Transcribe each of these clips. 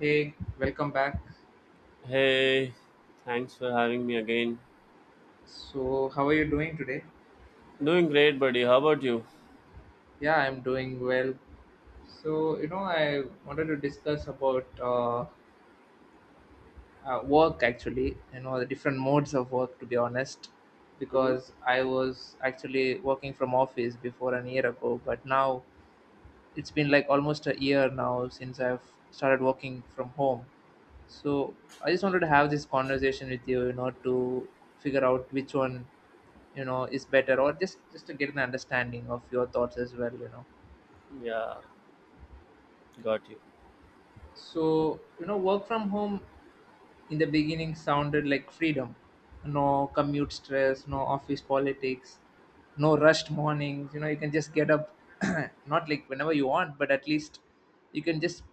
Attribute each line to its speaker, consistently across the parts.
Speaker 1: Hey, welcome back.
Speaker 2: Hey, thanks for having me again.
Speaker 1: So, how are you doing today?
Speaker 2: Doing great, buddy. How about you?
Speaker 1: Yeah, I'm doing well. So, I wanted to discuss about work actually, the different modes of work to be honest,
Speaker 2: Mm-hmm.
Speaker 1: because I was actually working from office before an year ago, but now it's been like almost a year now since I've started working from home. So, I just wanted to have this conversation with you, to figure out which one is better, or just to get an understanding of your thoughts as well.
Speaker 2: Yeah, got you.
Speaker 1: So, work from home in the beginning sounded like freedom. No commute stress, no office politics, no rushed mornings. You can just get up not like whenever you want, but at least you can just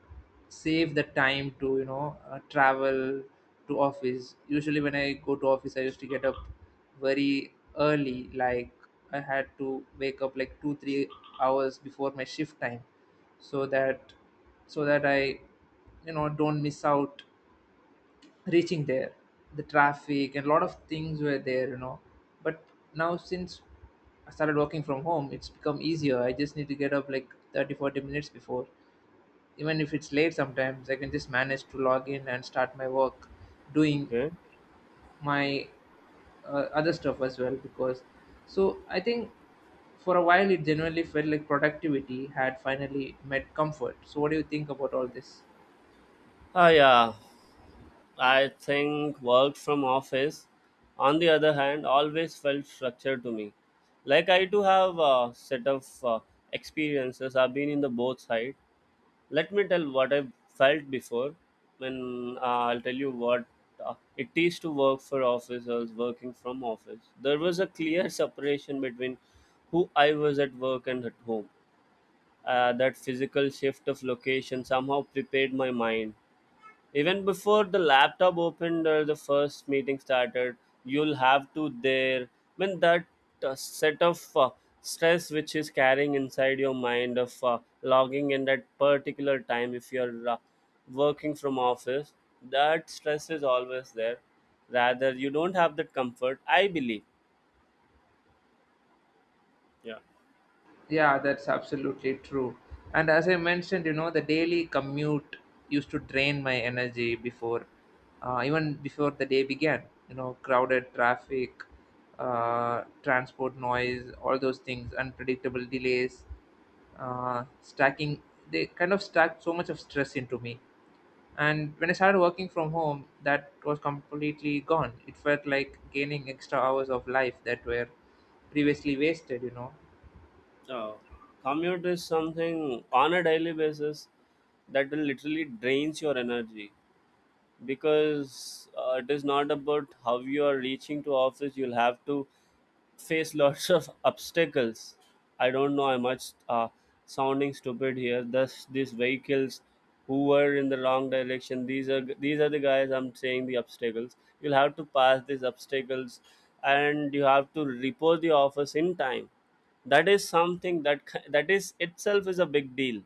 Speaker 1: save the time to travel to office. Usually when I go to office, I used to get up very early, like I had to wake up like 2 3 hours before my shift time, so that so that I don't miss out reaching there. The traffic and a lot of things were there. But now since I started working from home, it's become easier. I just need to get up like 30, 40 minutes before. Even if it's late, sometimes I can just manage to log in and start my work, doing
Speaker 2: Okay.
Speaker 1: my other stuff as well, because so I think for a while it genuinely felt like productivity had finally met comfort. So what do you think about all this?
Speaker 2: Yeah. I think work from office, on the other hand, always felt structured to me. Like I do have a set of experiences. I've been in the both side. Let me tell what I felt before. When I'll tell you what it is to work for office. I was working from office. There was a clear separation between who I was at work and at home. That physical shift of location somehow prepared my mind even before the laptop opened or the first meeting started. You'll have to there, I mean that, set of stress which is carrying inside your mind of logging in at particular time if you're working from office. That stress is always there, rather you don't have that comfort, I believe. Yeah,
Speaker 1: Yeah, that's absolutely true. And as I mentioned, the daily commute used to drain my energy before, even before the day began. Crowded traffic, transport noise, all those things, unpredictable delays, stacking. They kind of stacked so much of stress into me. And when I started working from home, that was completely gone. It felt like gaining extra hours of life that were previously wasted.
Speaker 2: uh, commute is something on a daily basis that will literally drains your energy, because it is not about how you are reaching to office. You'll have to face lots of obstacles. I don't know. I much sounding stupid here. Thus, these vehicles who were in the wrong direction. These are the guys, I'm saying, the obstacles. You'll have to pass these obstacles, and you have to report the office in time. That is something that is itself is a big deal.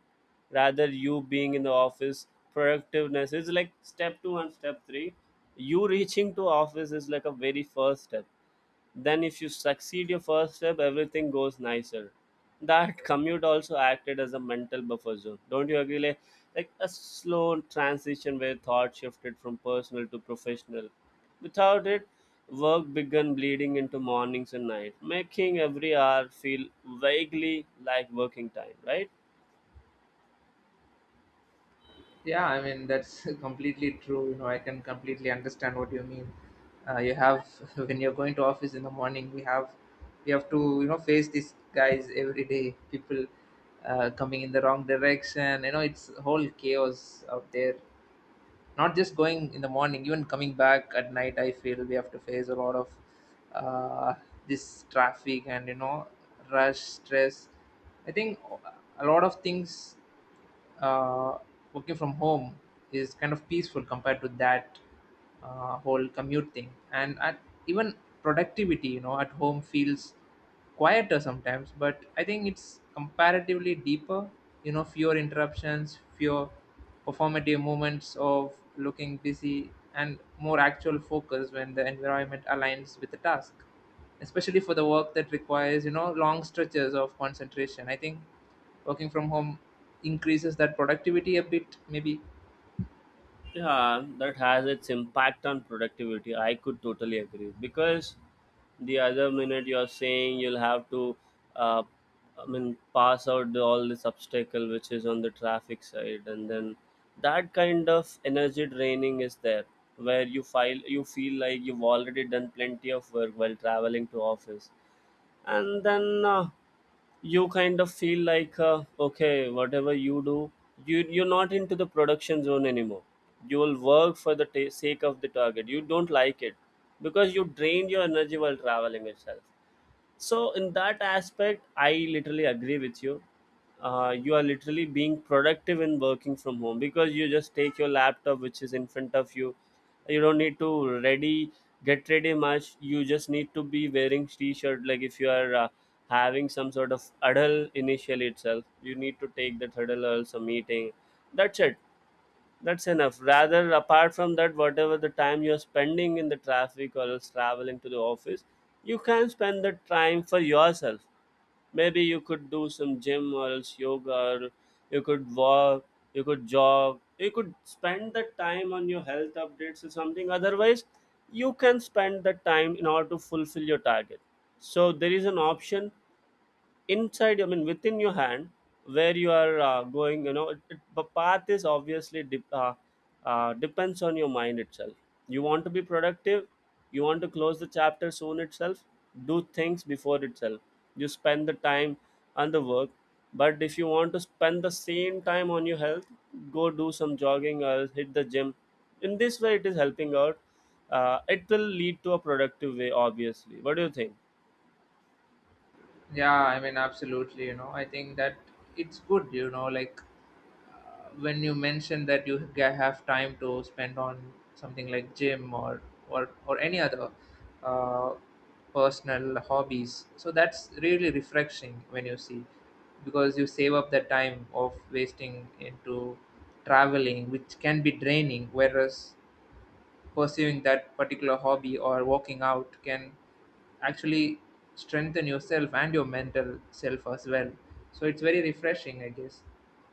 Speaker 2: Rather, you being in the office, productiveness is like step two and step three. You reaching to office is like a very first step. Then, if you succeed your first step, everything goes nicer. That commute also acted as a mental buffer zone. Don't you agree? Like a slow transition where thought shifted from personal to professional. Without it, work began bleeding into mornings and nights, making every hour feel vaguely like working time, right?
Speaker 1: Yeah, I mean that's completely true. I can completely understand what you mean. You have when you're going to office in the morning, we have to face these guys every day. People coming in the wrong direction. It's whole chaos out there. Not just going in the morning, even coming back at night. I feel we have to face a lot of uh, this traffic and rush stress. I think a lot of things, uh, working from home is kind of peaceful compared to that whole commute thing, and even productivity at home feels quieter sometimes, but I think it's comparatively deeper, fewer interruptions, fewer performative moments of looking busy, and more actual focus when the environment aligns with the task, especially for the work that requires long stretches of concentration. I think working from home increases that productivity a bit, maybe.
Speaker 2: Yeah, that has its impact on productivity. I could totally agree, because the other minute you're saying you'll have to, uh, I mean, pass out the, all this obstacle which is on the traffic side, and then that kind of energy draining is there, where you file you feel like you've already done plenty of work while traveling to office. And then you kind of feel like, okay, whatever you do, you're not into the production zone anymore. You will work for the ta sake of the target, you don't like it, because you drained your energy while traveling itself. So in that aspect, I literally agree with you. You are literally being productive in working from home, because you just take your laptop which is in front of you. You don't need to ready, get ready much. You just need to be wearing t-shirt. Like if you are having some sort of huddle initially itself, you need to take that huddle or some meeting. That's it, that's enough. Rather, apart from that, whatever the time you're spending in the traffic or else traveling to the office, you can spend that time for yourself. Maybe you could do some gym or else yoga, or you could walk, you could jog. You could spend that time on your health updates, or something. Otherwise, you can spend that time in order to fulfill your target. So there is an option inside, I mean within your hand, where you are going, you know, the path is obviously depends on your mind itself. You want to be productive, you want to close the chapter soon itself, do things before itself, you spend the time on the work. But if you want to spend the same time on your health, go do some jogging or hit the gym. In this way it is helping out. It will lead to a productive way, obviously. What do you think?
Speaker 1: Yeah, I mean, absolutely. I think that it's good. Like, when you mention that you have time to spend on something like gym, or or any other uh, personal hobbies. So that's really refreshing when you see, because you save up the time of wasting into traveling, which can be draining. Whereas pursuing that particular hobby or working out can actually strengthen yourself and your mental self as well, so it's very refreshing, I guess.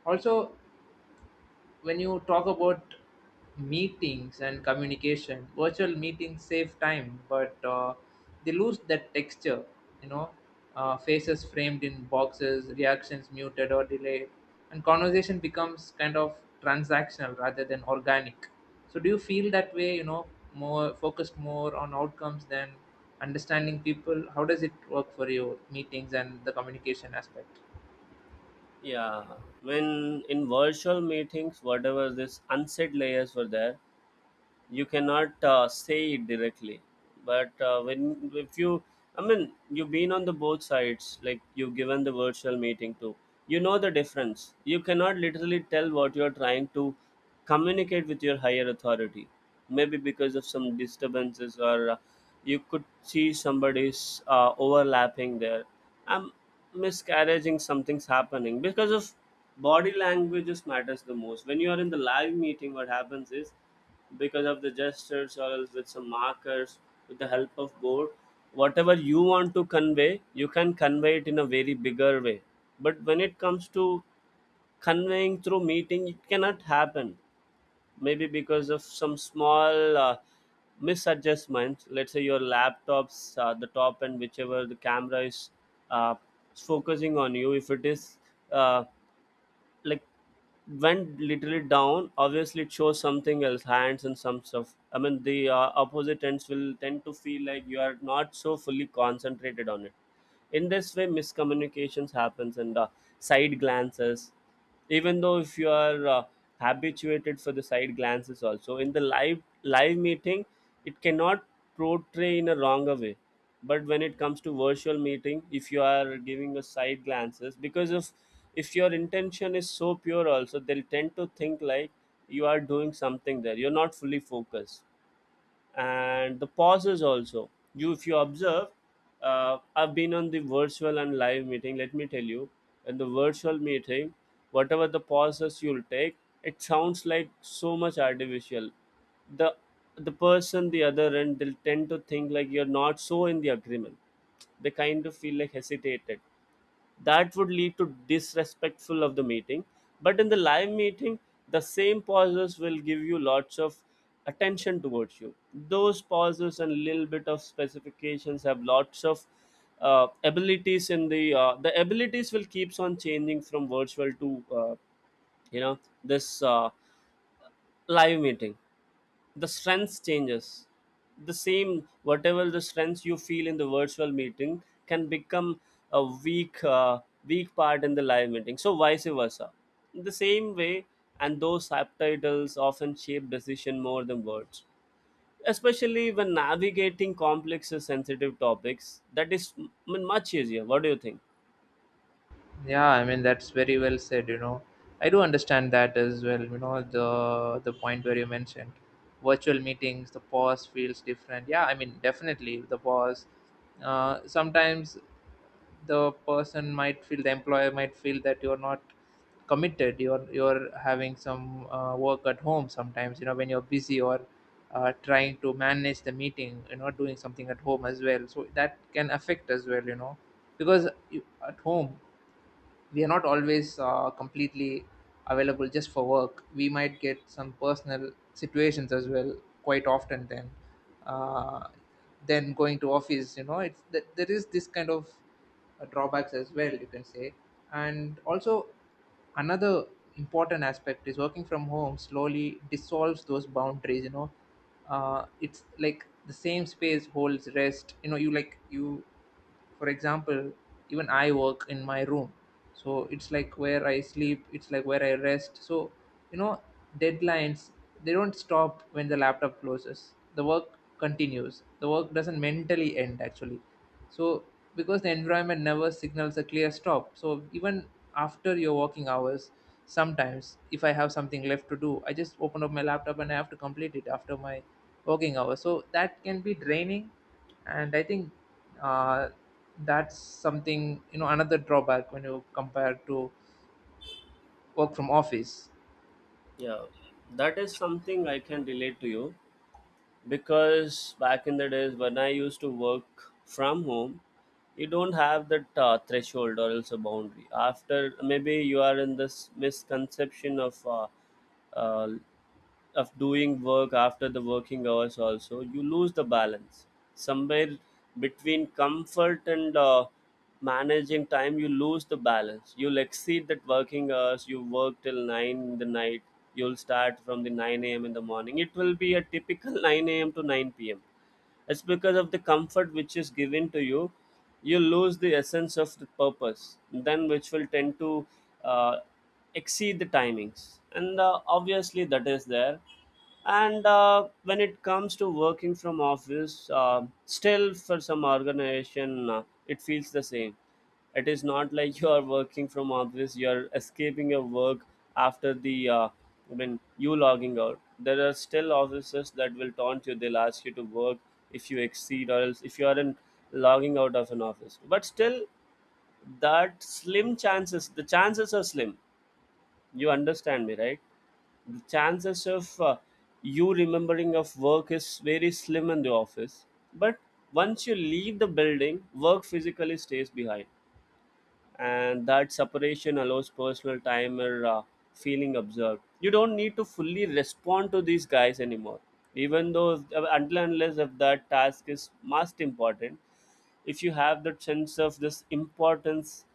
Speaker 1: Also, when you talk about meetings and communication, virtual meetings save time, but they lose that texture you know Faces framed in boxes, reactions muted or delayed, and conversation becomes kind of transactional rather than organic. So do you feel that way, more focused, more on outcomes than understanding people? How does it work for you, meetings and the communication aspect?
Speaker 2: Yeah, when in virtual meetings, whatever this unsaid layers were there, you cannot say it directly. But when if you, I mean, you've been on the both sides, like you've given the virtual meeting too, you know the difference. You cannot literally tell what you're trying to communicate with your higher authority. Maybe because of some disturbances, or you could see somebody's overlapping there. I'm miscarriaging, something's happening, because of body languages matters the most. When you are in the live meeting, what happens is, because of the gestures or else with some markers, with the help of board, whatever you want to convey, you can convey it in a very bigger way. But when it comes to conveying through meeting, it cannot happen. Maybe because of some small misadjustment, let's say your laptops, the top and whichever the camera is uh, focusing on you, if it is, uh, like, went literally down, obviously it shows something else, hands and some stuff. I mean the opposite ends will tend to feel like you are not so fully concentrated on it. In this way miscommunications happens. And side glances, even though if you are habituated for the side glances also in the live meeting, it cannot portray in a wronger way. But when it comes to virtual meeting, if you are giving a side glances, because of, if your intention is so pure also, they'll tend to think like you are doing something there, you're not fully focused. And the pauses also, you, if you observe, I've been on the virtual and live meeting, let me tell you. In the virtual meeting, whatever the pauses you'll take, it sounds like so much artificial. The the person the other end, they'll tend to think like you're not so in the agreement. They kind of feel like hesitated. That would lead to disrespectful of the meeting. But in the live meeting, the same pauses will give you lots of attention towards you. Those pauses and little bit of specifications have lots of abilities in the, the abilities will keeps on changing from virtual to, you know, this live meeting. The strengths changes. The same, whatever the strengths you feel in the virtual meeting, can become a weak part in the live meeting. So vice versa, in the same way. And those subtitles often shape decision more than words, especially when navigating complex and sensitive topics. That is much easier. What do you think?
Speaker 1: Yeah, I mean that's very well said. I do understand that as well, the point where you mentioned virtual meetings, the pause feels different. Yeah, I mean definitely the pause. Sometimes the person might feel, the employer might feel that you're not committed, you're having some work at home sometimes, when you're busy, or trying to manage the meeting, doing something at home as well, so that can affect as well. Because at home, we are not always completely available just for work. We might get some personal situations as well quite often. Then uh, then going to office, it's there is this kind of drawbacks as well, you can say. And also, another important aspect is working from home slowly dissolves those boundaries. It's like the same space holds rest you know you like you For example, even I work in my room, so it's like where I sleep, it's like where I rest. So, you know deadlines, they don't stop when the laptop closes, the work continues, the work doesn't mentally end actually. So because the environment never signals a clear stop, so even after your working hours, sometimes if I have something left to do, I just open up my laptop and I have to complete it after my working hours, so that can be draining. And I think, uh, that's something, another drawback when you compare to work from office.
Speaker 2: Yeah, that is something I can relate to you, because back in the days when I used to work from home, you don't have that threshold or else a boundary. After maybe you are in this misconception of, uh, of doing work after the working hours also, you lose the balance somewhere between comfort and managing time. You lose the balance, you'll exceed that working hours, you work till 9 in the night. You'll start from the 9 a.m. in the morning. It will be a typical 9 a.m. to 9 p.m. It's because of the comfort which is given to you. You lose the essence of the purpose, then which will tend to uh, exceed the timings. And obviously that is there. And when it comes to working from office, still for some organization it feels the same. It is not like you are working from office you are escaping your work after the, when you logging out, there are still offices that will taunt you, they'll ask you to work if you exceed or else if you are in logging out of an office. But still, that slim chances, the chances are slim. You understand me, right? The chances of you remembering of work is very slim in the office. But once you leave the building, work physically stays behind, and that separation allows personal time. Or feeling observed, you don't need to fully respond to these guys anymore, even though, until and unless if that task is most important. If you have that sense of this importance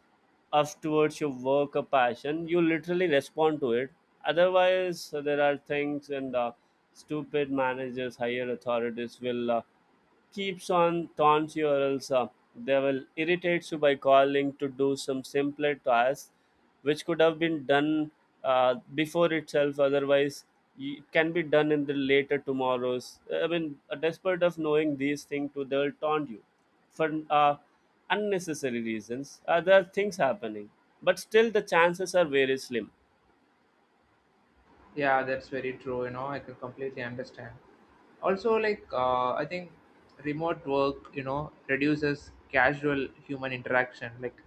Speaker 2: of, towards your work or passion, you literally respond to it. Otherwise, there are things. And stupid managers, higher authorities will keeps on taunts you. Or else they will irritate you by calling to do some simpler tasks, which could have been done before itself. Otherwise, it can be done in the later tomorrows. I mean despite of knowing these things too, they will taunt you for uh, unnecessary reasons. There are things happening, but still the chances are very slim.
Speaker 1: Yeah, that's very true, I can completely understand. Also, like I think remote work reduces casual human interaction, like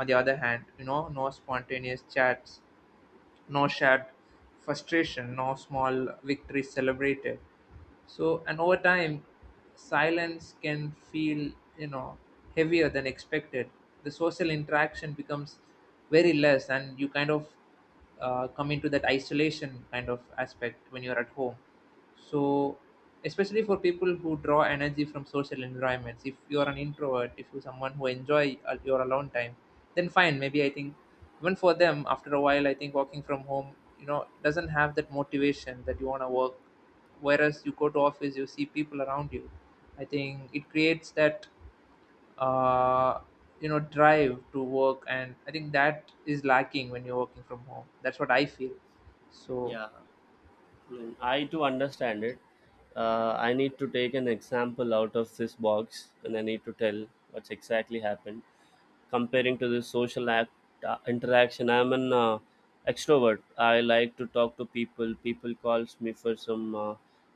Speaker 1: on the other hand, no spontaneous chats, no shared frustration, no small victories celebrated. So, and over time, silence can feel, you know, heavier than expected. The social interaction becomes very less, and you kind of come into that isolation kind of aspect when you're at home. So especially for people who draw energy from social environments, if you are an introvert, if you're someone who enjoy your alone time, then fine, maybe. I think even for them, after a while, I think working from home doesn't have that motivation that you want to work, whereas you go to office, you see people around you, I think it creates that uh, drive to work. And I think that is lacking when you're working from home, that's what I feel, so.
Speaker 2: Yeah, mm, I to understand it, I need to take an example out of this box, and I need to tell what's exactly happened. Comparing to this social act, interaction, I'm an extrovert. I like to talk to people. People calls me for some, uh,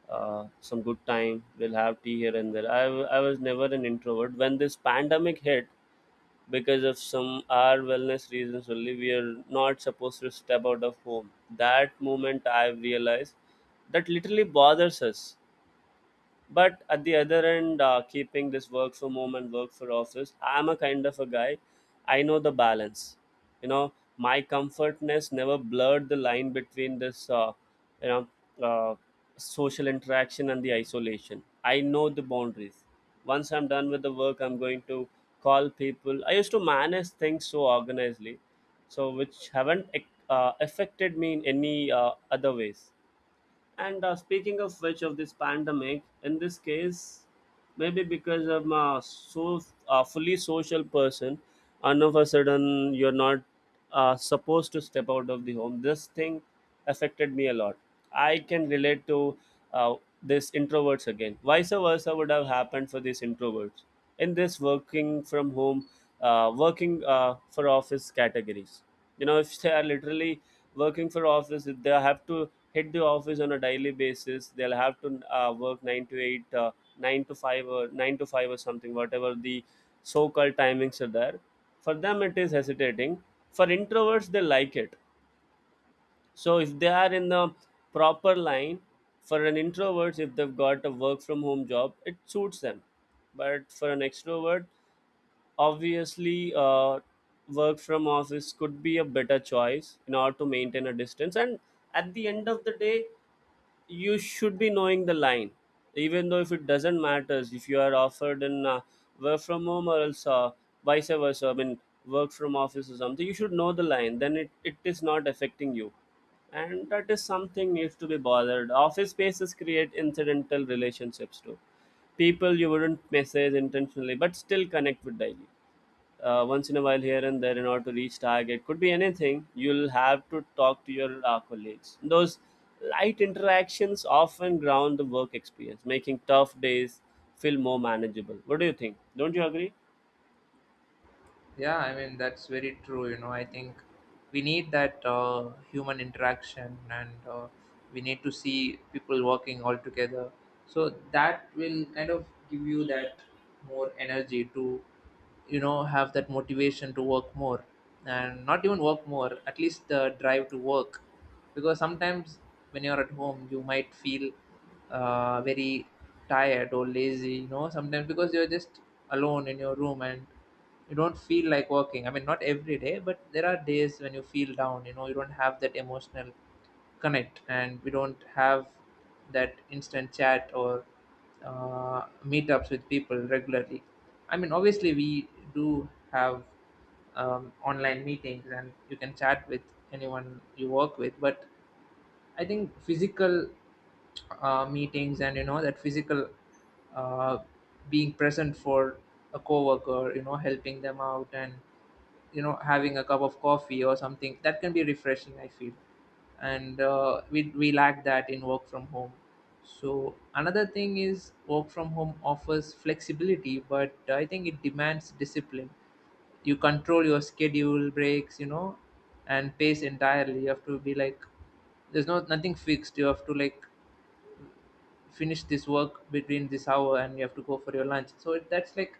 Speaker 2: uh, some good time. We'll have tea here and there. I was never an introvert. When this pandemic hit, because of some our wellness reasons only we are not supposed to step out of home, that moment I've realized that literally bothers us. But at the other end, keeping this work from home and work for office, I'm a kind of a guy, I know the balance. you know my comfortness never blurred the line between this you know uh, social interaction and the isolation. I know the boundaries. Once I'm done with the work, I'm going to call people. I used to manage things so organizedly, so which haven't affected me in any other ways. And speaking of which, of this pandemic, in this case, maybe because I'm a fully social person, and of a sudden you're not supposed to step out of the home. This thing affected me a lot. I can relate to uh, this introverts again. Vice versa would have happened for these introverts in this working from home, working for office categories. If they are literally working for office, they have to hit the office on a daily basis. They'll have to work 9 to 8, 9 to 5, or 9 to 5, or something, whatever the so-called timings are there. For them it is hesitating. For introverts, they like it. So if they are in the proper line, for an introvert, if they've got a work from home job, it suits them. But for an extrovert, obviously, work from office could be a better choice in order to maintain a distance. And at the end of the day, you should be knowing the line. Even though, if it doesn't matters, if you are offered in work from home or else, vice versa, I mean work from office or something, you should know the line, then it is not affecting you. And that is something needs to be bothered. Office spaces create incidental relationships too. People you wouldn't message intentionally, but still connect with daily, once in a while here and there. In order to reach target, could be anything, you'll have to talk to your colleagues. Those light interactions often ground the work experience, making tough days feel more manageable. What do you think, don't you agree?
Speaker 1: Yeah, I mean that's very true. I think we need that human interaction, and we need to see people working all together. So that will kind of give you that more energy to, have that motivation to work more, and not even work more. At least the drive to work, because sometimes when you're at home, you might feel very tired or lazy. Sometimes because you're just alone in your room and you don't feel like working. I mean, not every day, but there are days when you feel down, you don't have that emotional connect, and we don't have that instant chat or meetups with people regularly. I mean, obviously, we do have online meetings and you can chat with anyone you work with, but I think physical meetings, and that physical, uh, being present for a coworker, helping them out, and having a cup of coffee or something, that can be refreshing, I feel. And we lack that in work from home. So another thing is, work from home offers flexibility, but I think it demands discipline. You control your schedule, breaks, and pace entirely. You have to be like, there's no nothing fixed, you have to like finish this work between this hour and you have to go for your lunch. So that's like,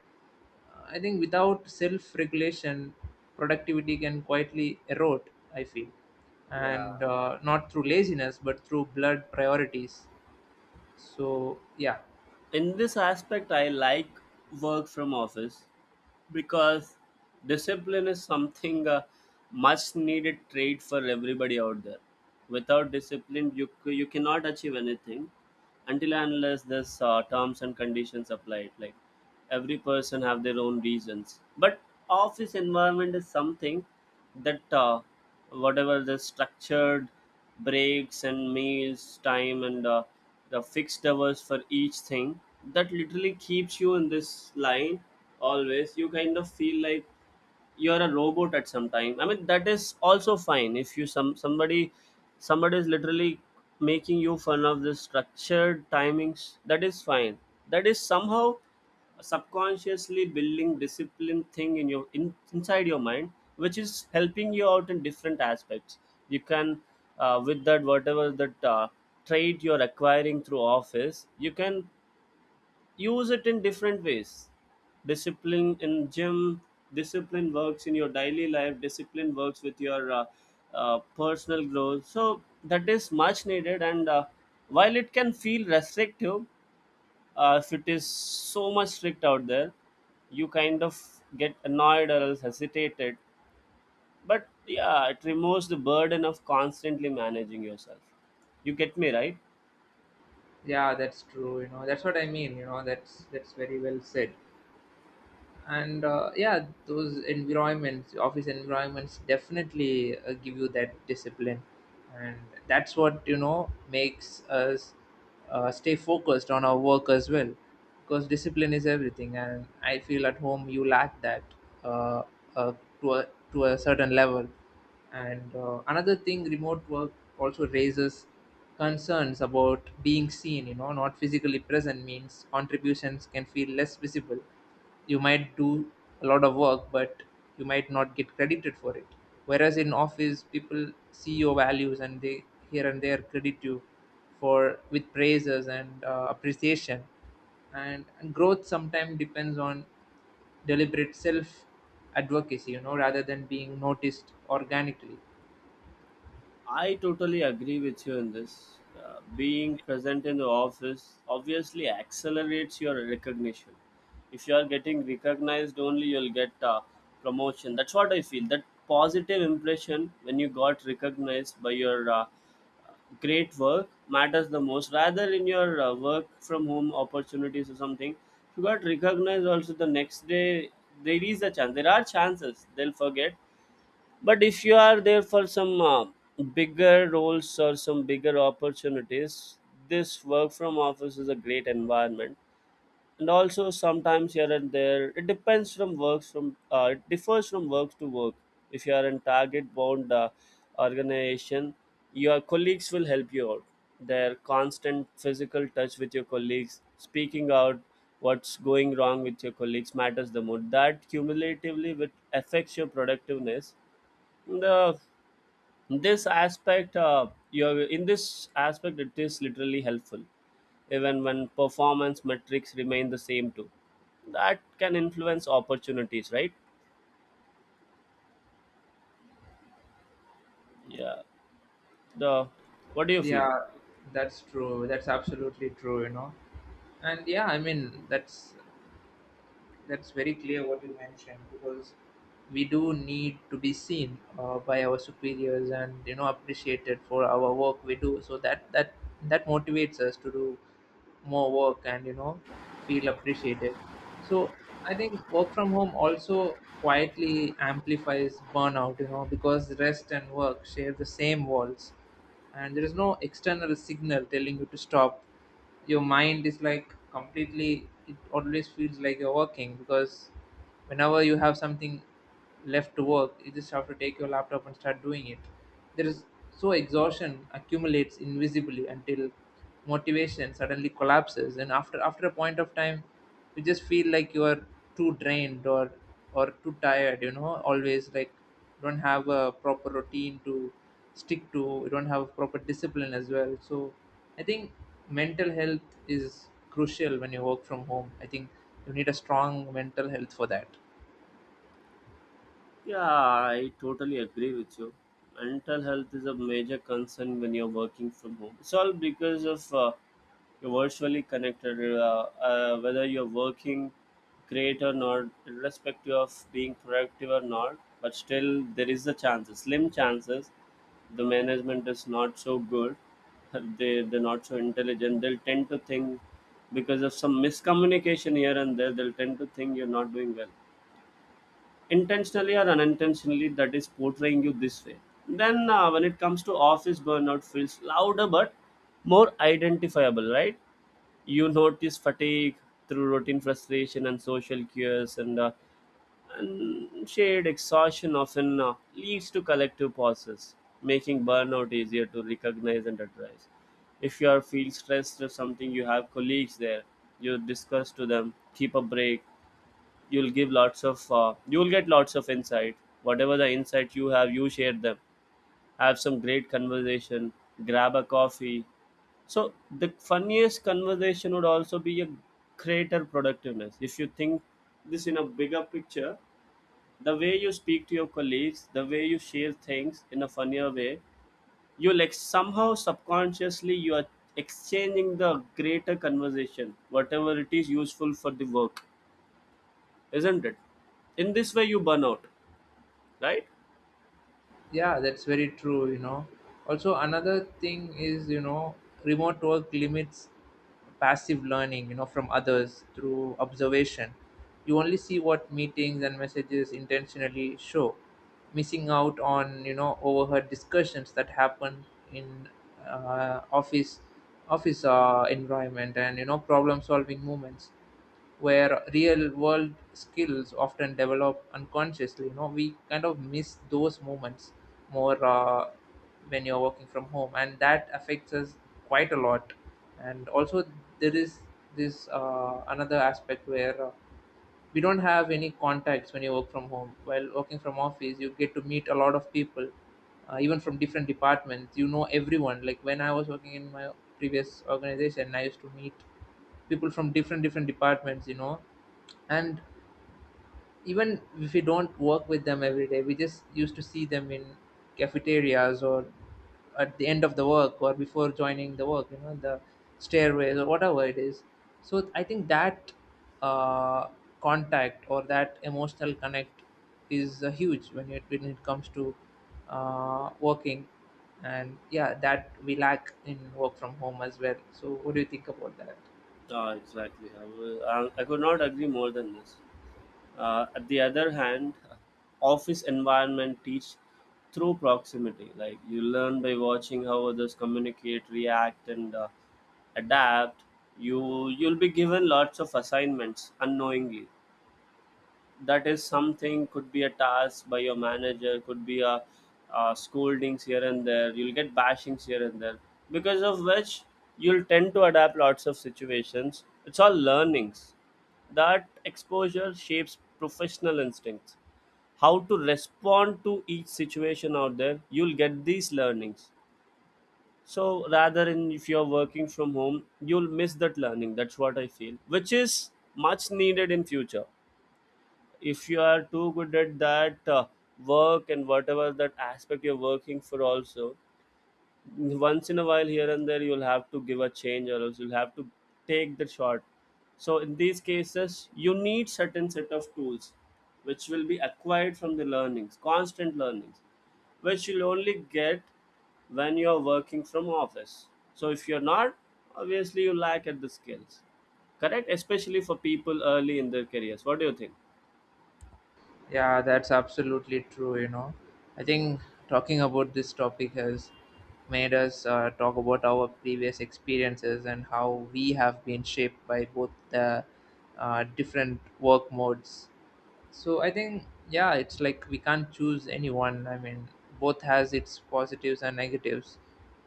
Speaker 1: I think without self regulation, productivity can quietly erode, I feel.
Speaker 2: Yeah,
Speaker 1: And not through laziness, but through blurred priorities. So yeah.
Speaker 2: in this aspect I like work from office, because discipline is something, much needed trait for everybody out there. Without discipline, you cannot achieve anything, until and unless there's terms and conditions applied. Like, every person have their own reasons, but office environment is something that, whatever the structured breaks and meals time and the fixed hours for each thing, that literally keeps you in this line always. You kind of feel like you're a robot at some time, I mean that is also fine. If you some somebody somebody is literally making you fun of the structured timings, that is fine. That is somehow subconsciously building discipline thing in your, inside your mind, which is helping you out in different aspects. You can, with that whatever that trade you're acquiring through office, you can use it in different ways. Discipline in gym, discipline works in your daily life, discipline works with your personal growth. So that is much needed. And while it can feel restrictive, if it is so much strict out there, you kind of get annoyed or else hesitated, but yeah, it removes the burden of constantly managing yourself. You get me right?
Speaker 1: Yeah, that's true, that's what I mean, that's very well said. And yeah, those environments, office environments definitely give you that discipline. And that's what, makes us stay focused on our work as well, because discipline is everything, and I feel at home you lack that, uh, uh, to a certain level. And another thing, remote work also raises concerns about being seen, not physically present means contributions can feel less visible. You might do a lot of work, but you might not get credited for it. Whereas in office, people see your values, and they here and there credit you for, with praises and appreciation. And growth sometimes depends on deliberate self advocacy, rather than being noticed organically.
Speaker 2: I totally agree with you in this. Being present in the office obviously accelerates your recognition. If you are getting recognized, only you'll get promotion. That's what I feel. That positive impression when you got recognized by your great work matters the most. Rather, in your work from home opportunities or something, if you got recognized also the next day, there is a chance. There are chances they'll forget. But if you are there for some bigger roles or some bigger opportunities, this work from office is a great environment. And also, sometimes here and there, it depends from works from, it differs from work to work. If you are in target bound organization, your colleagues will help you out. Their constant physical touch with your colleagues, speaking out what's going wrong with your colleagues, matters the most. That cumulatively will affects your productiveness. The this aspect you have, In this aspect it is literally helpful, even when performance metrics remain the same too, that can influence opportunities, right? Yeah. the What do you feel?
Speaker 1: Yeah, that's true, that's absolutely true, and yeah, I mean that's very clear what you mentioned, because we do need to be seen by our superiors and appreciated for our work we do, so that that motivates us to do more work and feel appreciated. So I think work from home also quietly amplifies burnout, because rest and work share the same walls, and there is no external signal telling you to stop. Your mind is like completely, it always feels like you're working, because whenever you have something left to work, you just have to take your laptop and start doing it. There is, so exhaustion accumulates invisibly until motivation suddenly collapses, and after a point of time, you just feel like you are too drained or too tired, always, like, don't have a proper routine to stick to, you don't have a proper discipline as well. So I think mental health is crucial when you work from home. I think you need a strong mental health for that.
Speaker 2: Yeah, I totally agree with you. Mental health is a major concern when you're working from home. It's all because of, you're virtually connected, whether you're working great or not, irrespective of being productive or not. But still, there is a chance, slim chances. The management is not so good. They're not so intelligent. They'll tend to think, because of some miscommunication here and there, they'll tend to think you're not doing well intentionally or unintentionally, that is portraying you this way. Then when it comes to office, burnout feels louder but more identifiable, right? You notice fatigue through routine frustration and social cues, and shared exhaustion often leads to collective pauses, making burnout easier to recognize and address. If you are feel stressed or something, you have colleagues there, you discuss to them, keep a break. You'll get lots of insight. Whatever the insight you have, you share them, have some great conversation, grab a coffee. So the funniest conversation would also be a greater productiveness, if you think this in a bigger picture. The way you speak to your colleagues, the way you share things in a funnier way, you like somehow subconsciously, you are exchanging the greater conversation, whatever it is useful for the work, isn't it? In this way you burn out, right?
Speaker 1: Yeah, that's very true, also, another thing is, remote work limits passive learning, from others through observation. You only see what meetings and messages intentionally show, missing out on overheard discussions that happen in uh, office office uh, environment, and problem solving movements where real world skills often develop unconsciously, we kind of miss those moments more when you're working from home, and that affects us quite a lot. And also, there is this, another aspect where, we don't have any contacts when you work from home. While working from office, you get to meet a lot of people, even from different departments, everyone, like when I was working in my previous organization, I used to meet people from different different departments and even if we don't work with them every day, we just used to see them in cafeterias, or at the end of the work, or before joining the work, the stairways, or whatever it is. So I think that, uh, contact, or that emotional connect, is huge when it comes to, working. And yeah, that we lack in work from home as well. So what do you think about that?
Speaker 2: Ah, exactly. I could not agree more than this. At the other hand, office environment teach through proximity. Like, you learn by watching how others communicate, react, and adapt. You'll be given lots of assignments unknowingly. That is something, could be a task by your manager, could be scoldings here and there, you'll get bashings here and there, because of which you'll tend to adapt lots of situations. It's all learnings. That exposure shapes professional instincts. How to respond to each situation out there, you'll get these learnings. So rather, in if you're working from home, you'll miss that learning, that's what I feel, which is much needed in future. If you are too good at that work, and whatever that aspect you're working for, also once in a while here and there, you'll have to give a change or else you'll have to take the shot. So in these cases, you need certain set of tools, which will be acquired from the learnings, constant learnings, which you'll only get when you're working from office. So if you're not, obviously you lack at the skills. Correct, especially for people early in their careers. What do you think?
Speaker 1: Yeah, that's absolutely true. I think talking about this topic has made us talk about our previous experiences and how we have been shaped by both the, different work modes. So I think, yeah, it's like we can't choose anyone. I mean, both has its positives and negatives.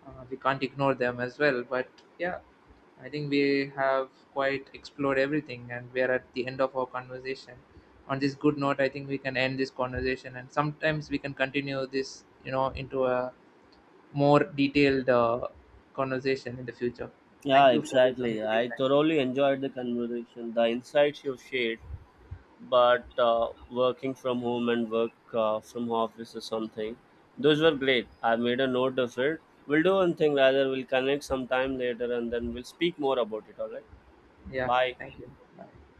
Speaker 1: We can't ignore them as well. But yeah, I think we have quite explored everything, and we are at the end of our conversation. On this good note, I think we can end this conversation, and sometimes we can continue this, into a more detailed, conversation in the future.
Speaker 2: Yeah,
Speaker 1: Thank you for this
Speaker 2: exactly.
Speaker 1: amazing
Speaker 2: I
Speaker 1: time.
Speaker 2: thoroughly enjoyed the conversation, the insights you shared. But working from home and work from office or something, those were great. I made a note of it. We'll do one thing rather. We'll connect sometime later and then we'll speak more about it. All right.
Speaker 1: Yeah,
Speaker 2: Bye.
Speaker 1: thank you. Bye.